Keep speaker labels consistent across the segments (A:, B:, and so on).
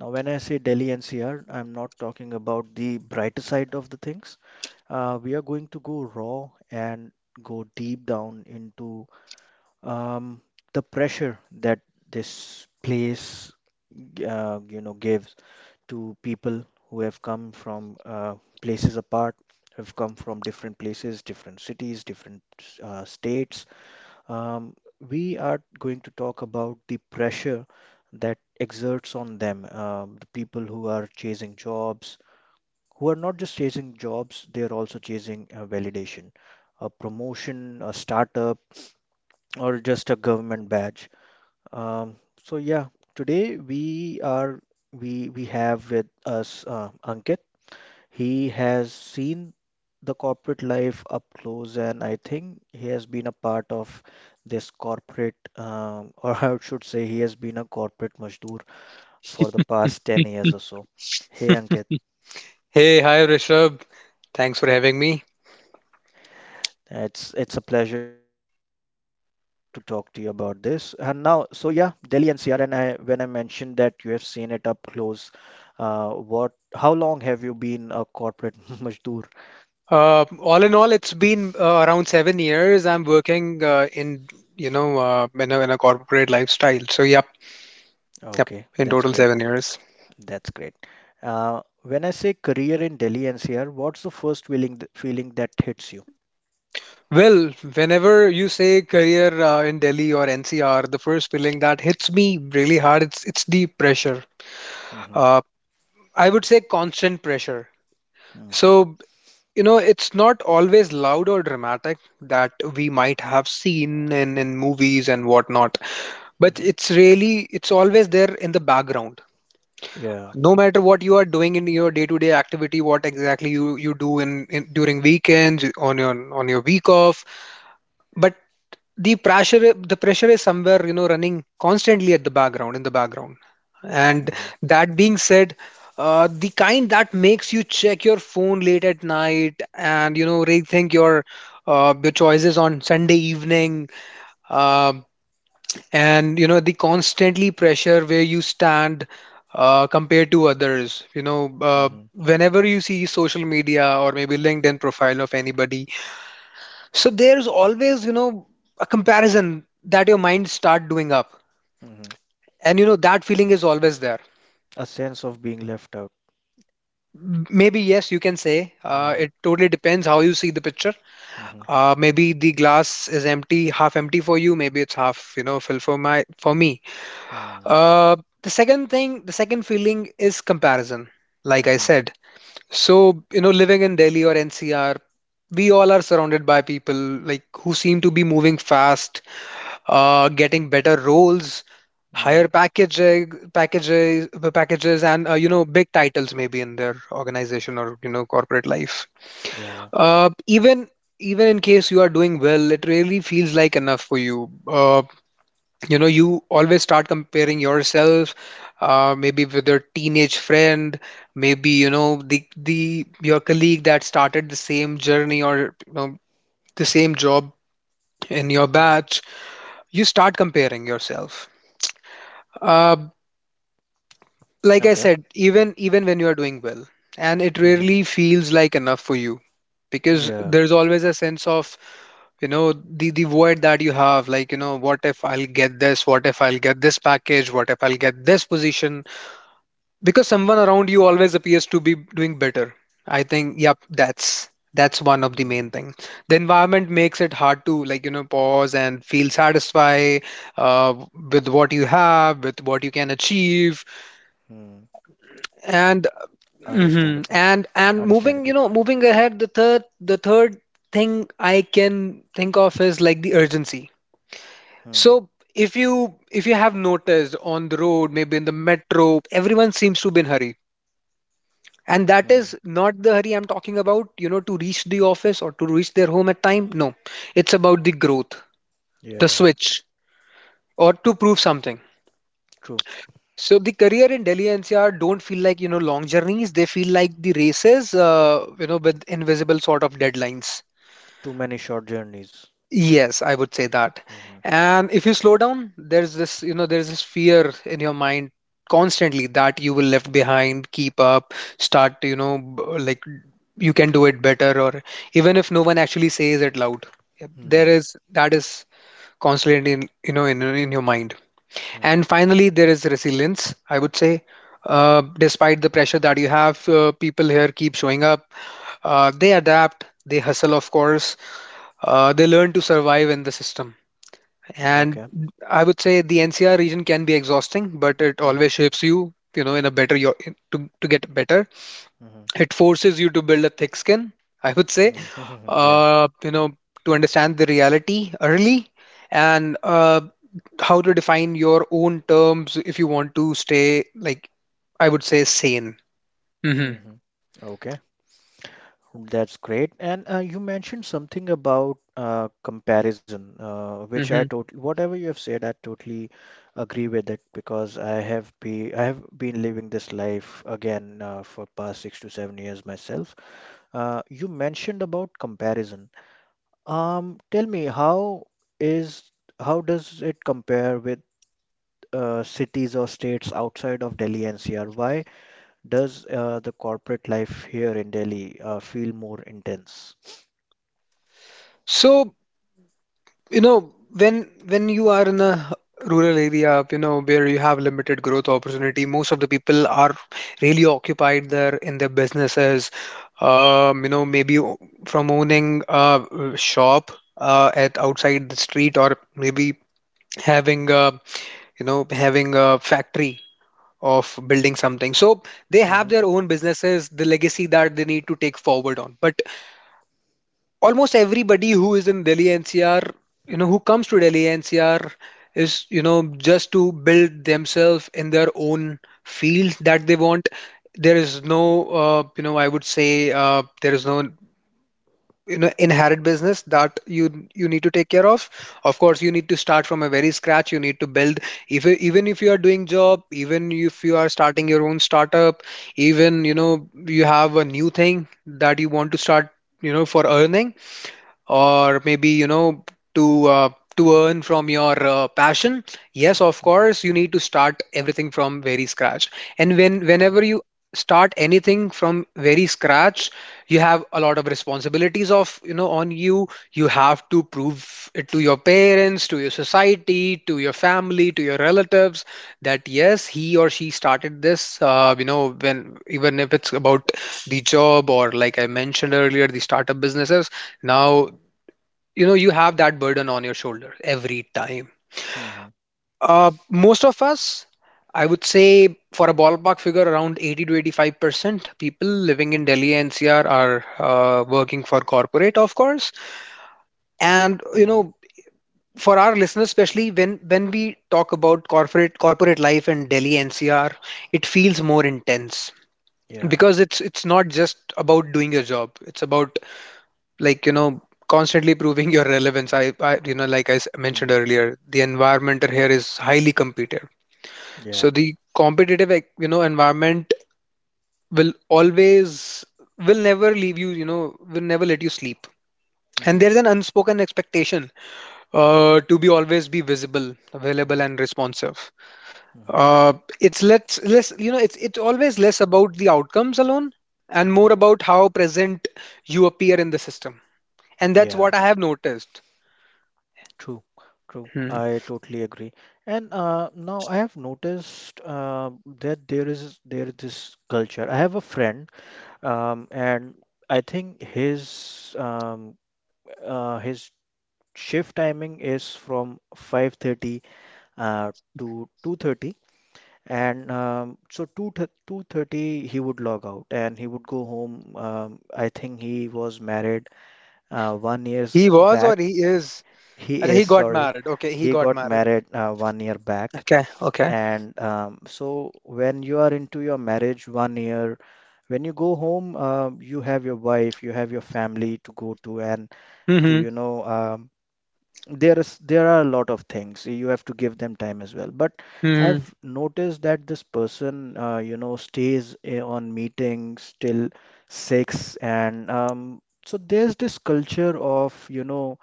A: Now when I say Delhi NCR, I'm not talking about the brighter side of the things. We are going to go raw and go deep down into um, the pressure that this place gives to people who have come from places apart, have come from different places, different cities, different states, um, we are going to talk about the pressure that exerts on them, the people who are chasing jobs, who are not just chasing jobs, they are also chasing validation, a promotion, a startup, or just a government badge. Um, so yeah, today we are we have with us Ankit. He has seen the corporate life up close, and I think he has been a part of this corporate, or I should say, he has been a corporate Mazdoor for the past 10 years or so. Hey, Ankit,
B: Hey, hi Rishabh. Thanks for having me.
A: it's a pleasure to talk to you about this. And now, so yeah, Delhi NCR, and I when I mentioned that you have seen it up close, how long have you been a corporate Mazdoor?
B: All in all, it's been around 7 years. I'm working in in a corporate lifestyle. So, yep, yep,
A: Okay,
B: in
A: that's
B: total
A: great.
B: 7 years.
A: That's great. When I say career in Delhi NCR, what's the first feeling that hits you?
B: Well, whenever you say career in Delhi or NCR, the first feeling that hits me really hard, it's the pressure.
A: Hmm.
B: Uh, I would say constant pressure.
A: Hmm.
B: So, you know, it's not always loud or dramatic that we might have seen in, movies and whatnot, but
A: Hmm.
B: it's always there in the background,
A: Yeah.
B: no matter what you are doing in your day-to-day activity, what exactly you do in during weekends, on your week off. But the pressure is somewhere, you know, running constantly at the background and
A: Hmm.
B: that being said, the kind that makes you check your phone late at night and, you know, rethink your choices on Sunday evening. uh, and, you know, the constantly pressure where you stand compared to others, you know,
A: Hmm.
B: whenever you see social media or maybe LinkedIn profile of anybody, so there's always, you know, a comparison that your mind start doing up.
A: Hmm.
B: And, you know, that feeling is always there.
A: A sense of being left out.
B: Maybe, yes, you can say,
A: Yeah.
B: it totally depends how you see the picture.
A: Hmm.
B: Maybe the glass is empty, half empty for you, maybe it's half, you know, full for my for me.
A: Hmm.
B: Uh, the second thing, the second feeling is comparison, like I
A: Hmm.
B: said. So, you know, living in Delhi or NCR, we all are surrounded by people like who seem to be moving fast, getting better roles, higher
A: Hmm.
B: packages, packages, packages, and, you know, big titles maybe in their organization or, you know, corporate life.
A: Yeah.
B: Uh, even even in case you are doing well, it really feels like enough for you. You know, you always start comparing yourself, maybe with your teenage friend, maybe, you know, the your colleague that started the same journey, or, you know, the same job in your
A: Hmm.
B: batch. You start comparing yourself, uh, like I
A: Okay.
B: said, even when you are doing well, and it
A: Hmm.
B: rarely feels like enough for you, because
A: Yeah.
B: there's always a sense of, you know, the void that you have, like, you know, what if I'll get this, what if I'll get this package, what if I'll get this position, because someone around you always appears to be doing better. I think, yep, that's one of the main
A: Hmm.
B: thing. The environment makes it hard to, like, you know, pause and feel satisfied, uh,
A: Hmm.
B: with what you have, with what you can achieve.
A: Understandable. Understandable.
B: And, mhm, and moving, you know, moving ahead, the third thing I can think of is, like, the urgency.
A: Hmm.
B: So if you have noticed on the road, maybe in the metro, everyone seems to be in hurry. And that
A: Hmm.
B: is not the hurry I'm talking about, you know, to reach the office or to reach their home at time. No, it's about the growth, the
A: Yeah.
B: switch, or to prove something.
A: True.
B: So the career in Delhi NCR don't feel like, you know, long journeys. They feel like the races, you know, with invisible sort of deadlines.
A: Too many short journeys.
B: Yes, I would say that.
A: Hmm.
B: And if you slow down, there's this, you know, there's this fear in your mind constantly that you will left behind, keep up, start, you know, like, you can do it better, or even if no one actually says it loud, yep, there
A: Hmm.
B: is, that is constantly in, you know, in your mind.
A: Hmm.
B: And finally, there is resilience, I would say. Despite the pressure that you have, people here keep showing up. They adapt, they hustle, of course, they learn to survive in the system. And
A: Okay.
B: I would say the NCR region can be exhausting, but it always
A: Hmm.
B: shapes you, you know, in a better to get better.
A: Hmm.
B: It forces you to build a thick skin, I would say,
A: Mm-hmm. Yeah.
B: you know, to understand the reality early, and, how to define your own terms if you want to stay, like, I would say, sane. Hmm.
A: Hmm. Okay, that's great. And you mentioned something about comparison, which I
B: Hmm.
A: totally, whatever you have said, I totally agree with it because I have been living this life again for past 6 to 7 years myself. You mentioned about comparison. Tell me, is how does it compare with cities or states outside of Delhi NCR? Why? Does the corporate life here in Delhi feel more intense?
B: So, you know, when you are in a rural area, you know, where you have limited growth opportunity, most of the people are really occupied there in their businesses. You know, maybe from owning a shop, at outside the street, or maybe having a, you know, having a factory, of building something. So they have
A: Hmm.
B: their own businesses, the legacy that they need to take forward on. But almost everybody who is in Delhi NCR, you know, who comes to Delhi NCR is, you know, just to build themselves in their own field that they want. There is no, you know, I would say, there is no, you know, inherent business that you need to take care of. Of course, you need to start from a very scratch. You need to build. If you- Even if you are doing job, even if you are starting your own startup, even, you know, you have a new thing that you want to start, you know, for earning, or maybe, you know, to uh, to earn from your passion. Yes, of
A: Hmm.
B: course, you need to start everything from very scratch. And
A: Yeah.
B: whenever you start anything from very scratch, you have a lot of responsibilities of, you know, on you. You have to prove it to your parents, to your society, to your family, to your relatives, that yes, he or she started this, you know, when even if it's about the job or, like I mentioned earlier, the startup businesses. Now, you know, you have that burden on your shoulder every time.
A: Hmm.
B: Most of us, I would say, for a ballpark figure, around 80 to 85% people living in Delhi NCR are working for corporate, of course. And, you
A: Hmm.
B: know, for our listeners, especially when we talk about corporate life in Delhi NCR, it feels more intense,
A: Yeah.
B: because it's not just about doing your job. It's about, like, you know, constantly proving your relevance. I, you know, like mentioned
A: Mm.
B: earlier, the environment here is highly competitive. So
A: Yeah.
B: the competitive, like, you know, environment will always will never leave you, you know, will never let you sleep. And
A: Hmm.
B: there's an unspoken expectation,
A: Hmm.
B: to be always be visible, available,
A: Hmm.
B: and responsive.
A: Hmm.
B: uh, It's less, you know, it's always less about the outcomes alone, and
A: Hmm.
B: more about how present you appear in the system. And that's what
A: Yeah.
B: I have noticed.
A: True. True. I totally agree. And now I have noticed that there is this culture. I have a friend. And I think his shift timing is from 5:30 uh, to 2:30, and so 2 2:30 he would log out and he would go home. I think he was married 1 years
B: He was or
A: back.
B: he is?
A: He
B: Acha, he
A: is,
B: got
A: sorry,
B: married. Okay, he
A: he
B: got
A: got
B: married.
A: married 1 year back,
B: Okay, okay.
A: and so when you are into your marriage 1 year, when you go home, you have your wife, you have your family to go to, and to,
B: Mm-hmm.
A: you know, there are a lot of things. You have to give them time as well. But
B: Mm-hmm.
A: I've noticed that this person, you know, stays on meetings till six, and so there's this culture of, you know,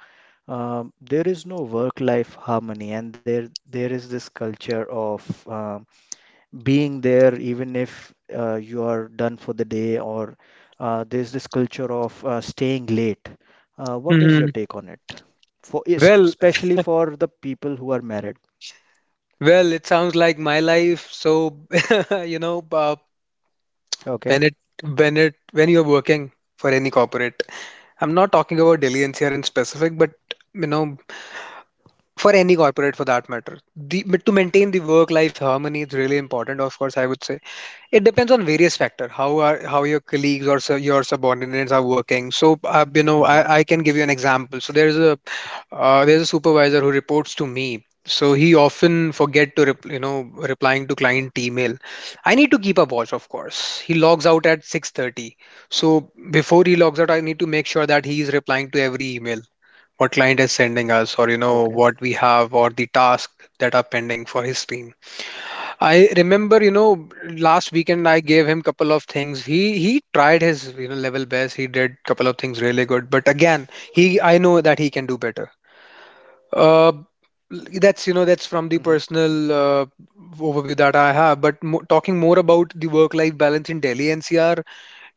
A: there is no work-life harmony, and there is this culture of being there even if you are done for the day or there's this culture of staying late. What is your
B: Mm-hmm.
A: take on it? For
B: Well,
A: especially for the people who are married.
B: well, it sounds like my life. So, you know,
A: Okay.
B: when it, when you're working for any corporate, I'm not talking about Delians here in specific, but, you know, for any corporate for that matter, the to maintain the work-life harmony is really important. Of course, I would say it depends on various factor, how your colleagues or your subordinates are working. So, you
A: Mm-hmm.
B: know, I can give you an example. So there's a supervisor who reports to me. So he often forget to you know, replying to client email. I need to keep a watch, of course. He logs out at 6:30. So before he logs out, I need to make sure that he is replying to every email what client is sending us, or, you
A: Okay.
B: know, what we have, or the task that are pending for his team. I remember, you know, last weekend I gave him couple of things. He tried his, you know, level best. He did couple of things really good, but again, he, I know that he can do better. Uh, that's you know that's from the
A: Mm-hmm.
B: personal overview that I have. Talking more about the work-life balance in Delhi NCR,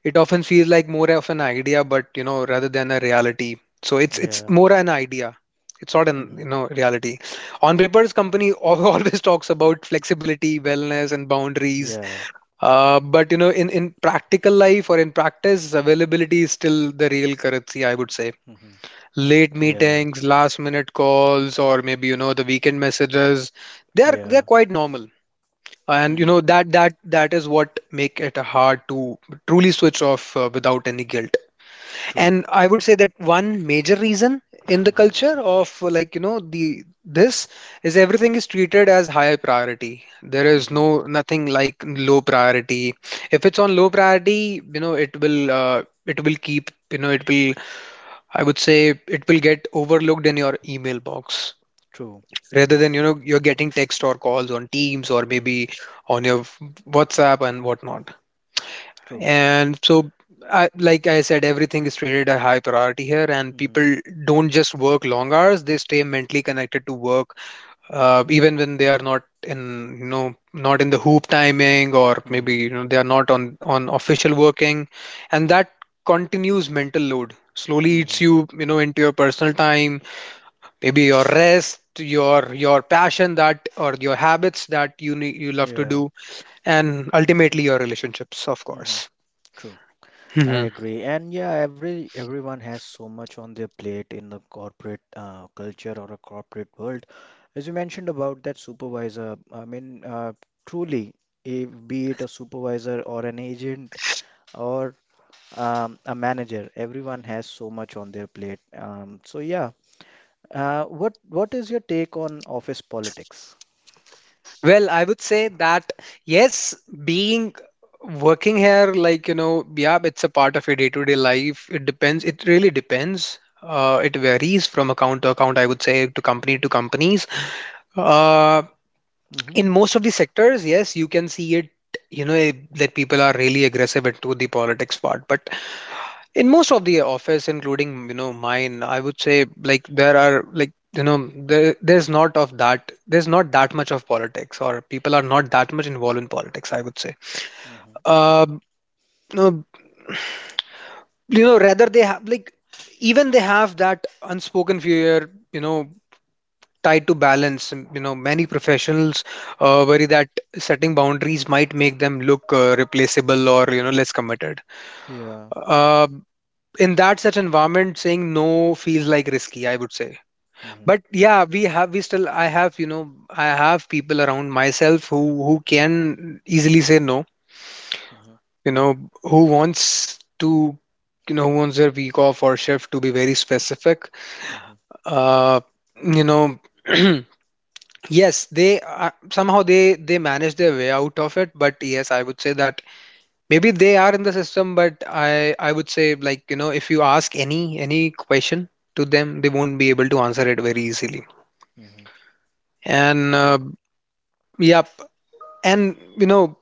B: it often feels like more of an idea but rather than a reality, so it's
A: Yeah.
B: more an idea, it's not an you
A: Mm-hmm.
B: know reality. On papers, always talks about flexibility, wellness and boundaries.
A: Yeah.
B: But in practical life, or in practice, availability is still the real currency, I would say.
A: Mm-hmm.
B: Late
A: Yeah.
B: meetings, last minute calls, or maybe the weekend messages, they are
A: Yeah.
B: quite normal. And you
A: Mm-hmm.
B: know that is what make it hard to truly switch off without any guilt.
A: True.
B: And I would say that one major reason in the
A: Mm-hmm.
B: culture of like you know the this is everything is treated as high priority. There is no
A: Mm-hmm.
B: nothing like low priority. If it's on low priority, you know, it will, I would say, it will get overlooked in your email box,
A: True.
B: rather than you know you're getting text or calls on Teams, or
A: Mm-hmm.
B: maybe on your WhatsApp and whatnot.
A: True.
B: And so, I, like I said, everything is treated a high priority here, and
A: Mm-hmm.
B: people don't just work long hours; they stay mentally connected to work, even when they are not in, you know, not in the hoop timing, or maybe
A: Mm-hmm.
B: you know they are not on official working, and that continues mental load slowly eats
A: Mm-hmm.
B: you, you know, into your personal time, maybe your rest, your passion that or your habits that you need, you love to
A: Yeah.
B: do, and ultimately your relationships, of
A: Mm-hmm.
B: course.
A: True. I
B: Mhm.
A: agree. And yeah, every everyone has so much on their plate in the corporate culture or a corporate world. As you mentioned about that supervisor, I mean, truly, if, be it a supervisor or an agent or a manager, everyone has so much on their plate. So yeah, what is your take on office politics?
B: Well, I would say that yes, being working here, like, you know, yeah, it's a part of your day-to-day life. It depends. It really depends. It varies from account to account, I would say, to company to companies. Uh,
A: Mm-hmm.
B: in most of the sectors, yes, you can see it, you know, that people are really aggressive into the politics part. But in most of the office, including you know mine, I would say, like, there are like you know there, there's not of that there's not that much of politics, or people are not that much involved in politics, I would say.
A: Mm-hmm.
B: uh, no, you know, rather they have like, even they have that unspoken fear, you know, tied to balance. You know, many professionals worry that setting boundaries might make them look replaceable, or you know less committed.
A: Yeah.
B: uh, in that such environment, saying no feels like risky, I would say.
A: Mm-hmm.
B: But yeah, we still, I have, you know, I have people around myself who can easily say no,
A: Mm-hmm.
B: you know, who wants to, you know, who wants their week off or shift to be very specific.
A: Mm-hmm.
B: uh you know, yes, they somehow they manage their way out of it. But yes, I would say that maybe they are in the system, but I would say, like, you know, if you ask any question to them, they won't be able to answer it very easily.
A: Mm-hmm.
B: And
A: Okay.
B: yeah. And you know,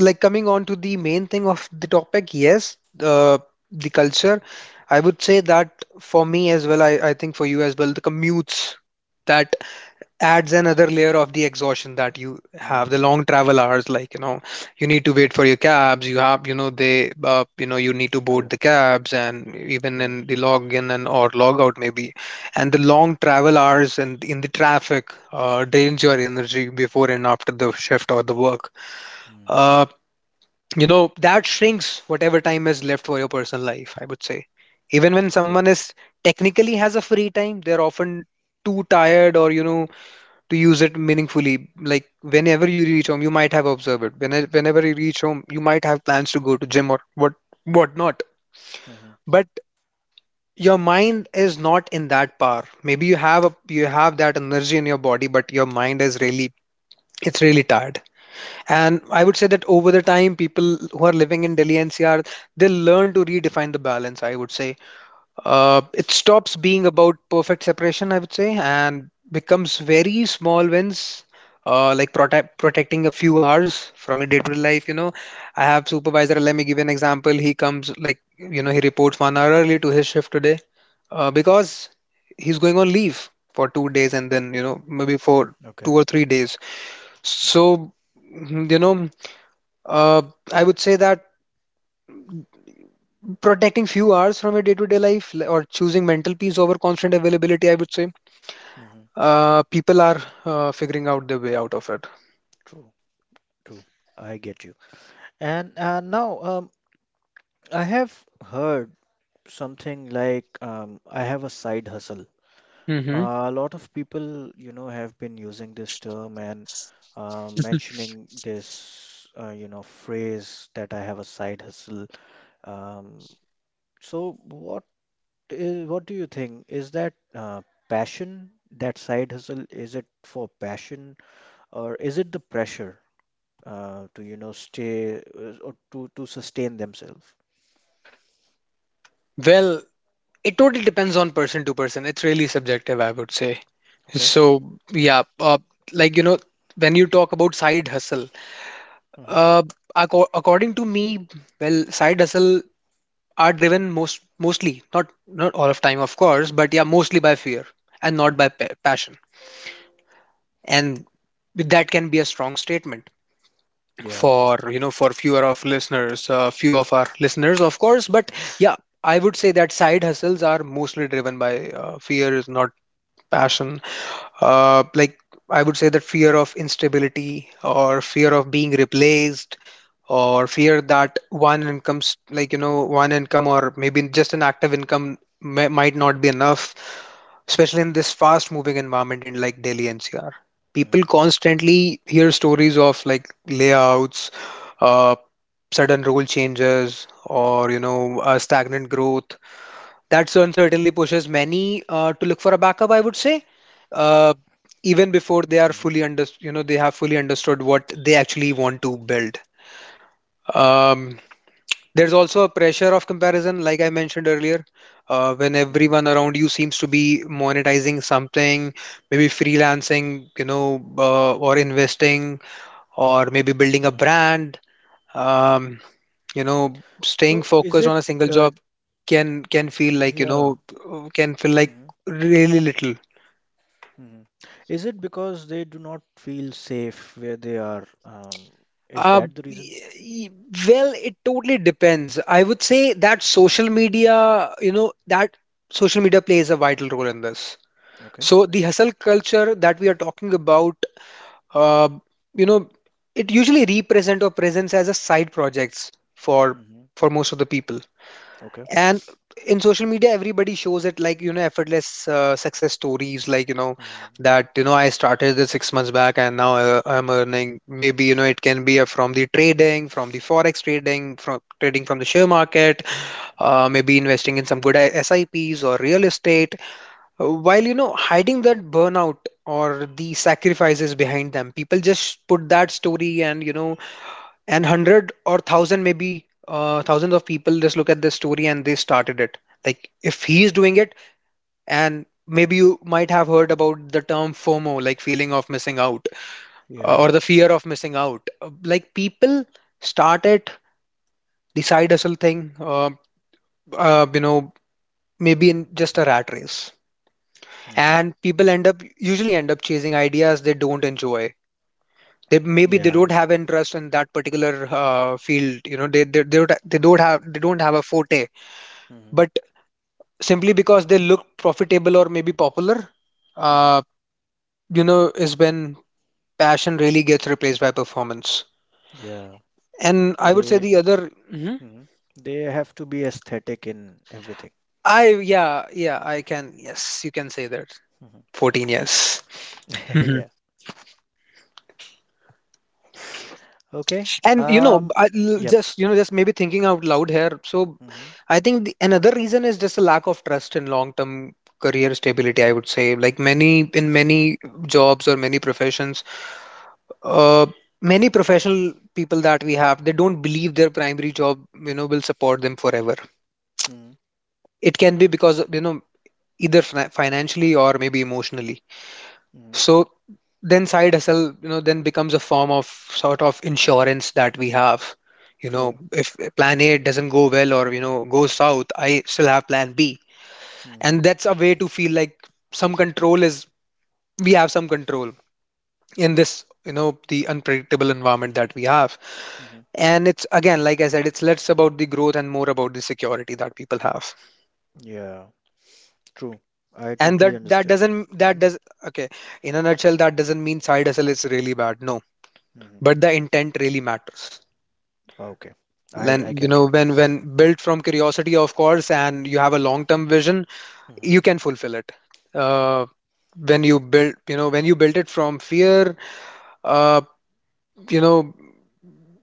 B: like, coming on to the main thing of the topic, yes, uh, the culture, I would say that for me as well, I think for you as well, the commutes that adds another layer of the exhaustion that you have. The
A: Mm.
B: long travel hours, like you know, you need to wait for your
A: True.
B: cabs. You have, you know, they you know,
A: True.
B: you need to board the cabs, and even in the login and or log out maybe, and the long travel hours and in the traffic drains your energy before and after the shift or the work.
A: Mm-hmm.
B: uh, you know, that shrinks whatever time is left for your personal life, I would say. Even when
A: True.
B: someone is technically has a free time, they're often too tired, or you know, to use it meaningfully. Like, whenever you reach home, you might have observed it. Whenever you reach home, you might have plans to go to gym or whatnot.
A: Hmm.
B: But your mind is not in that power. Maybe you have that energy in your body, but your mind is really, it's really tired. And I would say that over the time, people who are living in Delhi NCR, they learn to redefine the balance, I would say. It stops being about perfect separation, I would say, and becomes very small wins, like protecting a few hours from your day-to-day life. You know, I have supervisor, let me give you an example. He comes, like, you know, he reports 1 hour early to his shift today because he's going on leave for 2 days, and then, you know, maybe for two
A: Okay.
B: or three days. So, you know, uh, I would say that protecting few hours from your day-to-day life, or choosing mental peace over constant availability, I would say,
A: Hmm.
B: people are figuring out their way out of it.
A: True. True. I get you. And now I have heard something like I have a side hustle.
B: Hmm.
A: A lot of people, you know, have been using this term and mentioning this, you know, phrase that I have a side hustle. Um, so what is, what do you think? Is that passion, that side hustle, is it for passion or is it the pressure to you know stay or to sustain themselves.
B: Well, it totally depends on person to person. It's really subjective, I would say.
A: Okay.
B: So, yeah, like, you know, when you talk about side hustle,
A: Hmm.
B: uh, according to me, well, side hustle are driven mostly, not all of time, of course, but yeah, mostly by fear and not by
A: Hmm.
B: passion. And that can be a strong statement
A: Yeah.
B: for few of our listeners, of course. But yeah, I would say that side hustles are mostly driven by fear, is not passion. Like, I would say that fear of instability, or fear of being replaced, or fear that one income's like you know one income, or maybe just an active income might not be enough, especially in this fast moving environment in like Delhi NCR.
A: Hmm.
B: People constantly hear stories of like layouts, uh, sudden rule changes, or you know, stagnant growth. That certainly pushes many to look for a backup, I would say, uh,
A: Hmm.
B: even before they are fully under, you know, they have fully understood what they actually want to build. Um, there's also a pressure of comparison, like I mentioned earlier, when
A: Hmm.
B: everyone around you seems to be monetizing something, maybe freelancing, you know, or investing, or maybe
A: Hmm.
B: building a brand. Um, you know,
A: So is
B: staying
A: it
B: focused on a
A: uh,
B: single job can feel like
A: yeah.
B: can feel
A: Hmm.
B: like really little.
A: Hmm. Is it because they do not feel safe where they are? Is that
B: Uh,
A: the reason?
B: y- y- well, it totally depends. I would say that social media, you know, that social media plays a vital role in this.
A: Okay.
B: So the hustle culture that we are talking about, uh, you know, it usually represent or presents as a side projects for
A: Hmm.
B: most of the people.
A: Okay.
B: And in social media, everybody shows it, like you know, effortless success stories, like, you know,
A: Hmm.
B: that, you know, I started this 6 months back and now I'm earning. Maybe you know it can be from the trading, from the forex trading from the share market, maybe investing in some good SIPs or real estate. While you know hiding that burnout or the sacrifices behind them, people just put that story and you know, and hundred or thousand, maybe
A: Hmm.
B: thousands of people just look at this story and they started it. Like, if he is doing it, and maybe you might have heard about the term FOMO, like, feeling of missing out,
A: Yeah.
B: or the fear of missing out. Like, people started it, the side hustle thing, you know, maybe in just a rat race.
A: Hmm.
B: And people end up usually end up chasing ideas they don't enjoy. They maybe they
A: Yeah.
B: don't have interest in that particular field, you know, they don't have a forte,
A: Hmm.
B: but simply because they look profitable or maybe popular. uh,
A: Hmm.
B: you know, is when passion really gets replaced by performance.
A: Yeah.
B: And I would say
A: They
B: the other. Mhm.
A: Hmm. They have to be aesthetic in everything.
B: I Yeah, yeah, I can, yes, you can say that.
A: Mhm.
B: 14 years.
A: Okay.
B: And you know,
A: Yep.
B: just, you know, just maybe thinking out loud here. So
A: Mm-hmm.
B: I think another reason is just a lack of trust in long term career stability, I would say. Like, many, in many jobs or many professions, uh, many professional people that we have, they don't believe their primary job, you know, will support them forever.
A: Mm-hmm.
B: It can be because you know, either financially or maybe emotionally.
A: Mm-hmm.
B: So then side hustle, you know, then becomes a form of sort of insurance that we have. You
A: True.
B: know, if plan A doesn't go well, or, you know, goes south, I still have plan B.
A: Mm-hmm.
B: And that's a way to feel like some control is, we have some control in this, you know, the unpredictable environment that we have.
A: Mm-hmm.
B: And it's again, like I said, it's less about the growth and more about the security that people have.
A: Yeah, true. I
B: And
A: totally
B: that that
A: understand.
B: doesn't
A: Mm-hmm.
B: that does okay, in a nutshell, that doesn't mean side hustle is really bad. No.
A: Mm-hmm.
B: But the intent really matters.
A: Okay. I
B: Then you
A: get you.
B: know, when built from curiosity, of course, and you have a long-term vision,
A: Mm-hmm.
B: you can fulfill it. Uh, when you build, you know, when you build it from fear, uh, you know,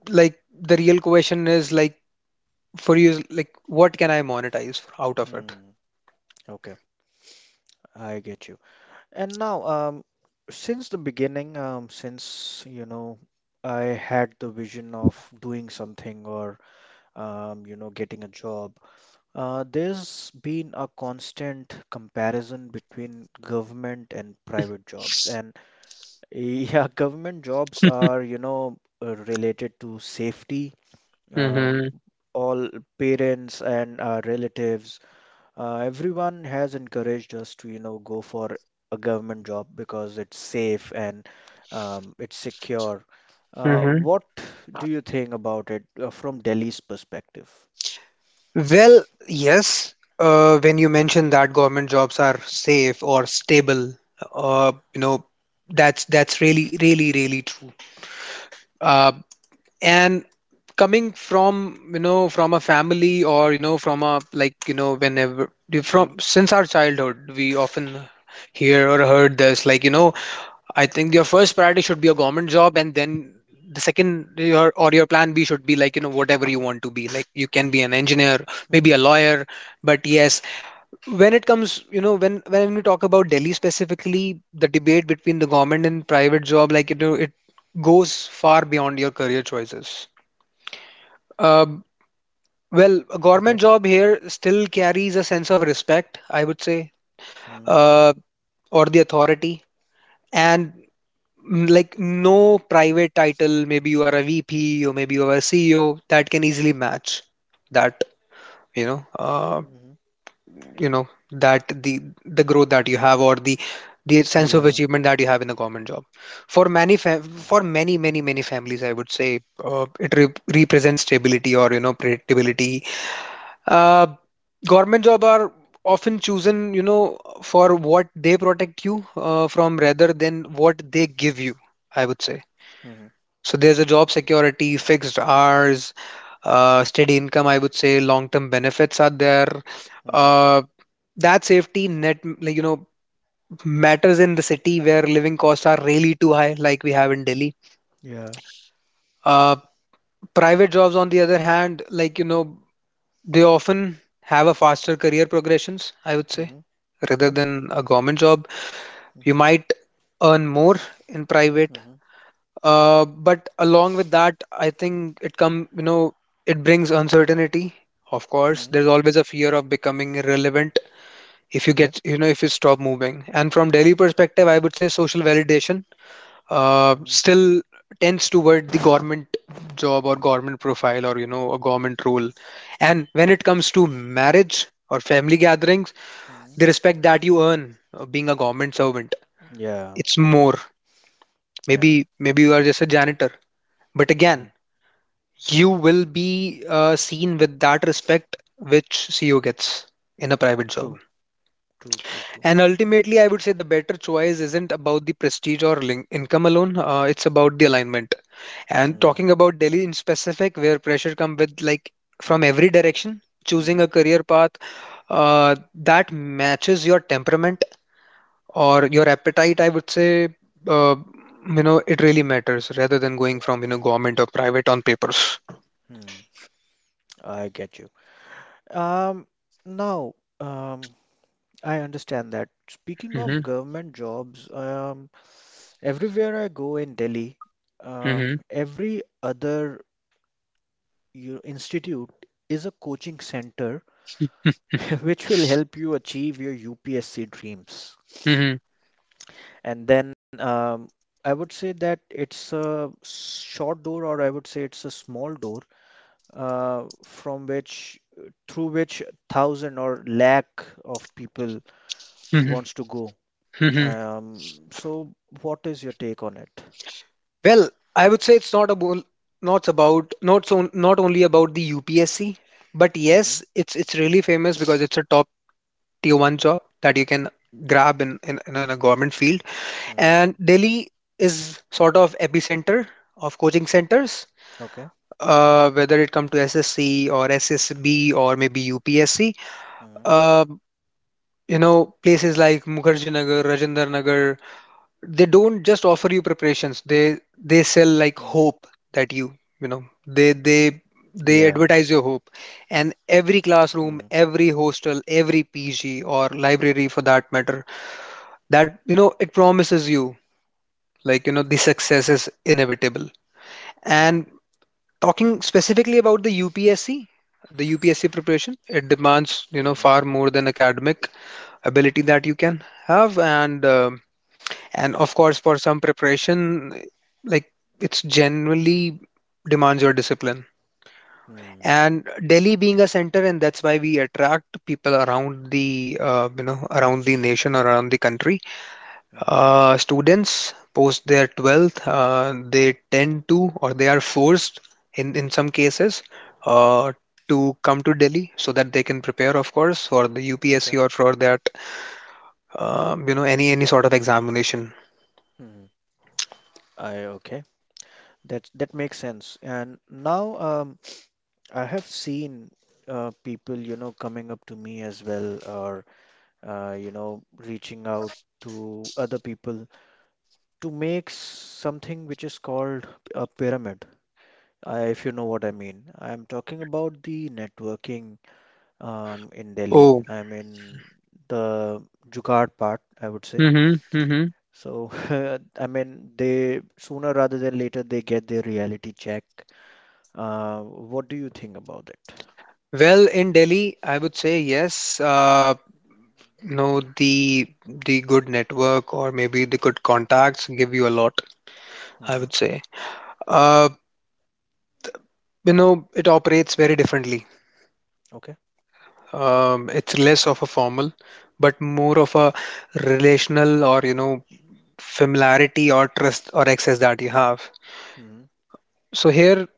B: like, the real question is like, for you, like, what can I monetize out of it?
A: Mm. Okay. I get you. And now, since the beginning, since, you know, I had the vision of doing something or, you know, getting a job, there's been a constant comparison between government and private jobs. And yeah, government jobs are, you know, related to safety. Um,
B: Hmm.
A: all parents and relatives, everyone has encouraged us to, you know, go for a government job because it's safe and it's secure.
B: Hmm.
A: What do you think about it from Delhi's perspective?
B: Well, yes, when you mentioned that government jobs are safe or stable, you know, that's really, really, really true. Uh, and coming from from a family or from a whenever
A: Hmm?
B: from since our childhood we often hear or heard this I think your first priority should be a government job, and then the second your or your plan B should be whatever you want to be, like you can be an engineer,
A: Mm-hmm.
B: maybe a lawyer. But yes, when it comes when we talk about Delhi specifically, the debate between the government and private job, it goes far beyond your career choices. um, well, a
A: Okay.
B: government job here still carries a sense of respect, I would say,
A: Mm-hmm.
B: uh, or the authority. And like no private title, maybe you are a VP or maybe you are a CEO, that can easily match that, you know, uh, you know, that the growth that you have or the sense of
A: Yeah.
B: achievement that you have in a government job. For many many families, I would say it re represents stability or predictability. Uh, Government job are often chosen, for what they protect you from rather than what they give you, I would say.
A: Mm-hmm.
B: So there's a job security, fixed hours, steady income, I would say, long-term benefits are there. Uh, that safety net, matters in the city where living costs are really too high, like we have in Delhi.
A: Yeah.
B: Uh, Private jobs, on the other hand, they often have a faster career progressions, I would say,
A: Mm-hmm.
B: rather
A: Okay.
B: than a government job.
A: Mm-hmm.
B: You might earn more in private, but along with that, I think it come you know it brings uncertainty. Of course,
A: Mm-hmm.
B: there's always a fear of becoming irrelevant if you get if you stop moving. And from Delhi perspective, I would say social validation
A: Okay.
B: still tends toward the government job or government profile or a government role. And when it comes to marriage or family gatherings,
A: Mhm.
B: they respect that you earn being a government servant.
A: Yeah,
B: It's more,
A: yeah.
B: maybe you are just a janitor, but again
A: Hmm.
B: you will be seen with that respect which CEO gets in a private job.
A: True, true, true, true.
B: And ultimately, I would say the better choice isn't about the prestige or income alone. It's about the alignment. And
A: Mm-hmm.
B: talking about Delhi in specific, where pressure come with like from every direction, choosing a
A: Mm.
B: career path uh, that matches your temperament or your appetite, I would say. uh, it really matters rather than going from government or private on papers.
A: Hmm. Hmm. I get you. Um, Now, um, I understand that. Speaking
B: hmm
A: of government jobs, everywhere I go in Delhi,
B: hmm
A: every other institute is a coaching center which will help you achieve your UPSC dreams.
B: hmm
A: And then I would say that it's a short door, or I would say it's a small door from which through which thousand or lakh of people
B: hmm
A: wants to go.
B: hmm
A: So what is your take on it?
B: well, I would say it's not about not about not so not only about the UPSC, but
A: Mm-hmm.
B: yes, it's really famous because it's a top tier one job that you can grab in in a government field.
A: Hmm.
B: And Delhi is sort of epicenter of coaching centers.
A: Okay.
B: Whether it come to SSC or SSB or maybe UPSC,
A: Mm-hmm.
B: uh, places like Mukherjee Nagar, Rajendra Nagar, they don't just offer you preparations. They sell like hope that
A: Yeah.
B: they advertise your hope. And every
A: Mm-hmm.
B: classroom, every hostel, every PG or library for that matter, it promises you like you know the success is inevitable.
A: Mm-hmm.
B: And talking specifically about the UPSC, the UPSC preparation, it demands
A: Mm-hmm.
B: far more than academic ability that you can have, and of course for some preparation, like it's generally demands your discipline.
A: Mm-hmm.
B: And Delhi being a center, and that's why we attract people around the around the nation or around the country.
A: Mm-hmm.
B: Students post their 12th, they tend to or they are forced in, some cases uh, to come to Delhi so that they can prepare, of course, for the
A: Okay.
B: UPSC or for that, any sort of examination.
A: Mm-hmm. I Okay. That makes sense. And now I have seen people, you know, coming up to me as well, or you know, reaching out to other people to make something which is called a pyramid, if you know what I mean. I'm talking about the networking in Delhi.
B: Oh,
A: I'm in the Jugaad part, I would say.
B: hmm hmm
A: So, I mean, they sooner rather than later they get their reality check. What do you think about it?
B: well, in Delhi, I would say yes. The good network or maybe the good contacts give you a lot, I
A: Hmm.
B: would say. Uh, it operates very differently.
A: Okay.
B: It's less of a formal, but more of a relational, or familiarity or trust or access that you have.
A: Hmm.
B: So here,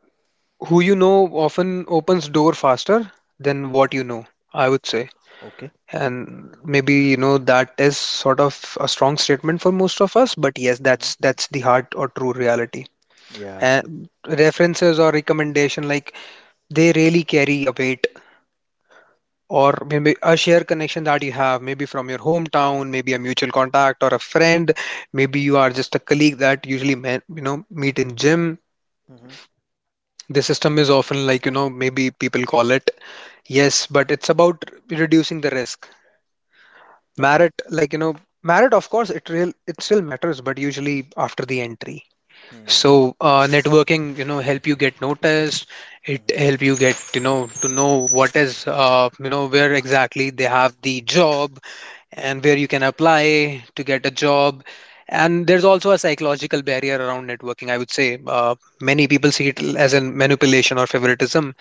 B: who you know often opens door faster than
A: Hmm.
B: what you know, I would say.
A: Okay.
B: And maybe you know that is sort of a strong statement for most of us, but yes,
A: Hmm.
B: that's the hard or true reality.
A: Yeah.
B: And references or recommendation like they really carry a weight, or maybe a shared connection that you have, maybe from your hometown, maybe a mutual contact or a friend, maybe you are just a colleague that usually met, meet in gym.
A: Hmm.
B: The system is often maybe people call it, yes, but it's about reducing the risk.
A: Okay.
B: Merit, merit, of course, it real it still matters, but usually after the entry.
A: Hmm.
B: So networking, help you get noticed. It
A: Hmm.
B: help you get to know what is where exactly they have the job and where you can apply to get a job. And there's also a psychological barrier around networking, I would say. Many people see it as a manipulation or favoritism,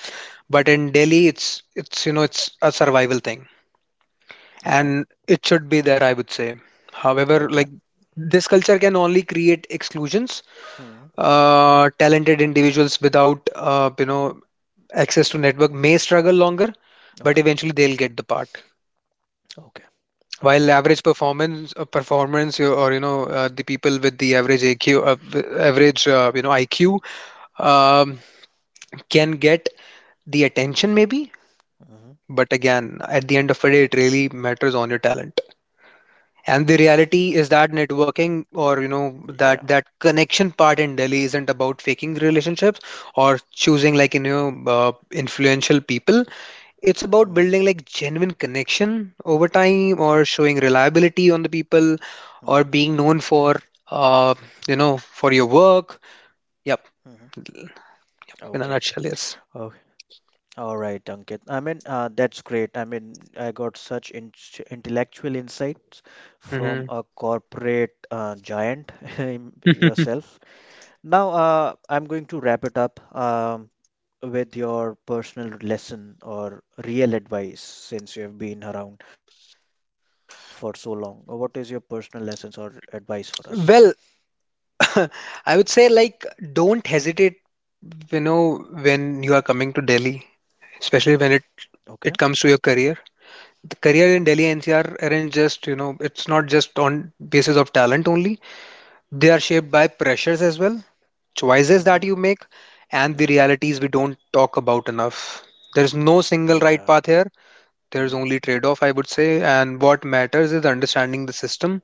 B: but in
A: Hmm.
B: Delhi, it's you know it's a survival thing,
A: Okay.
B: and it should be there, I would say. However, like
A: Okay.
B: this culture can only create exclusions.
A: Hmm.
B: Talented individuals without access to network may struggle longer, but
A: Okay.
B: eventually they'll get the part.
A: Okay.
B: While
A: Okay.
B: average performance, or the people with the average AQ, average, IQ, um, can get the attention maybe,
A: Hmm.
B: but again, at the end of the day, it really matters on your talent. And the
A: Yeah.
B: reality is that networking, or that connection part in Delhi isn't about faking relationships or
A: Hmm.
B: choosing uh, influential people. It's
A: Hmm.
B: about building like genuine connection over time, or showing reliability on the people, or
A: Hmm.
B: being known for uh for your work. Yep,
A: Hmm.
B: in a
A: Okay.
B: nutshell, yes.
A: Okay. All right, Ankit. I mean, that's great. I mean, I got such in intellectual insights from
B: hmm
A: a corporate giant in yourself. Now, I'm going to wrap it up with your personal lesson or real advice since you have been around for so long. What is your personal lessons or advice for us?
B: Well, I would say like don't hesitate, you know, when you are coming to Delhi, especially when
A: Okay.
B: it comes to your career. The
A: Hmm.
B: career in Delhi NCR aren't just, you know, it's not just on basis of talent only. They are shaped by pressures as well, choices
A: Hmm.
B: that you make, and the
A: Hmm.
B: realities we don't talk about enough. There's no single right
A: Yeah.
B: path here. There's only trade off, I would say. And what matters is understanding the system,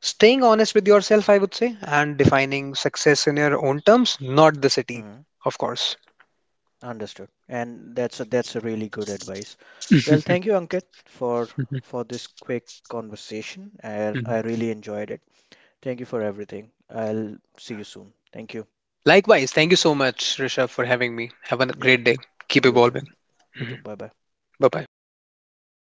B: staying honest with yourself, I would say, and defining success in your own terms, not the city,
A: Hmm.
B: of course.
A: Understood. And that's a really good advice. Well, thank you, Ankit, for this quick conversation, and I really enjoyed it. Thank you for everything. I'll see you soon. Thank you.
B: Likewise, thank you so much, Rishabh, for having me. Have a
A: Yep,
B: great day. Keep
A: you too.
B: evolving.
A: You too. Bye bye.
B: Bye bye.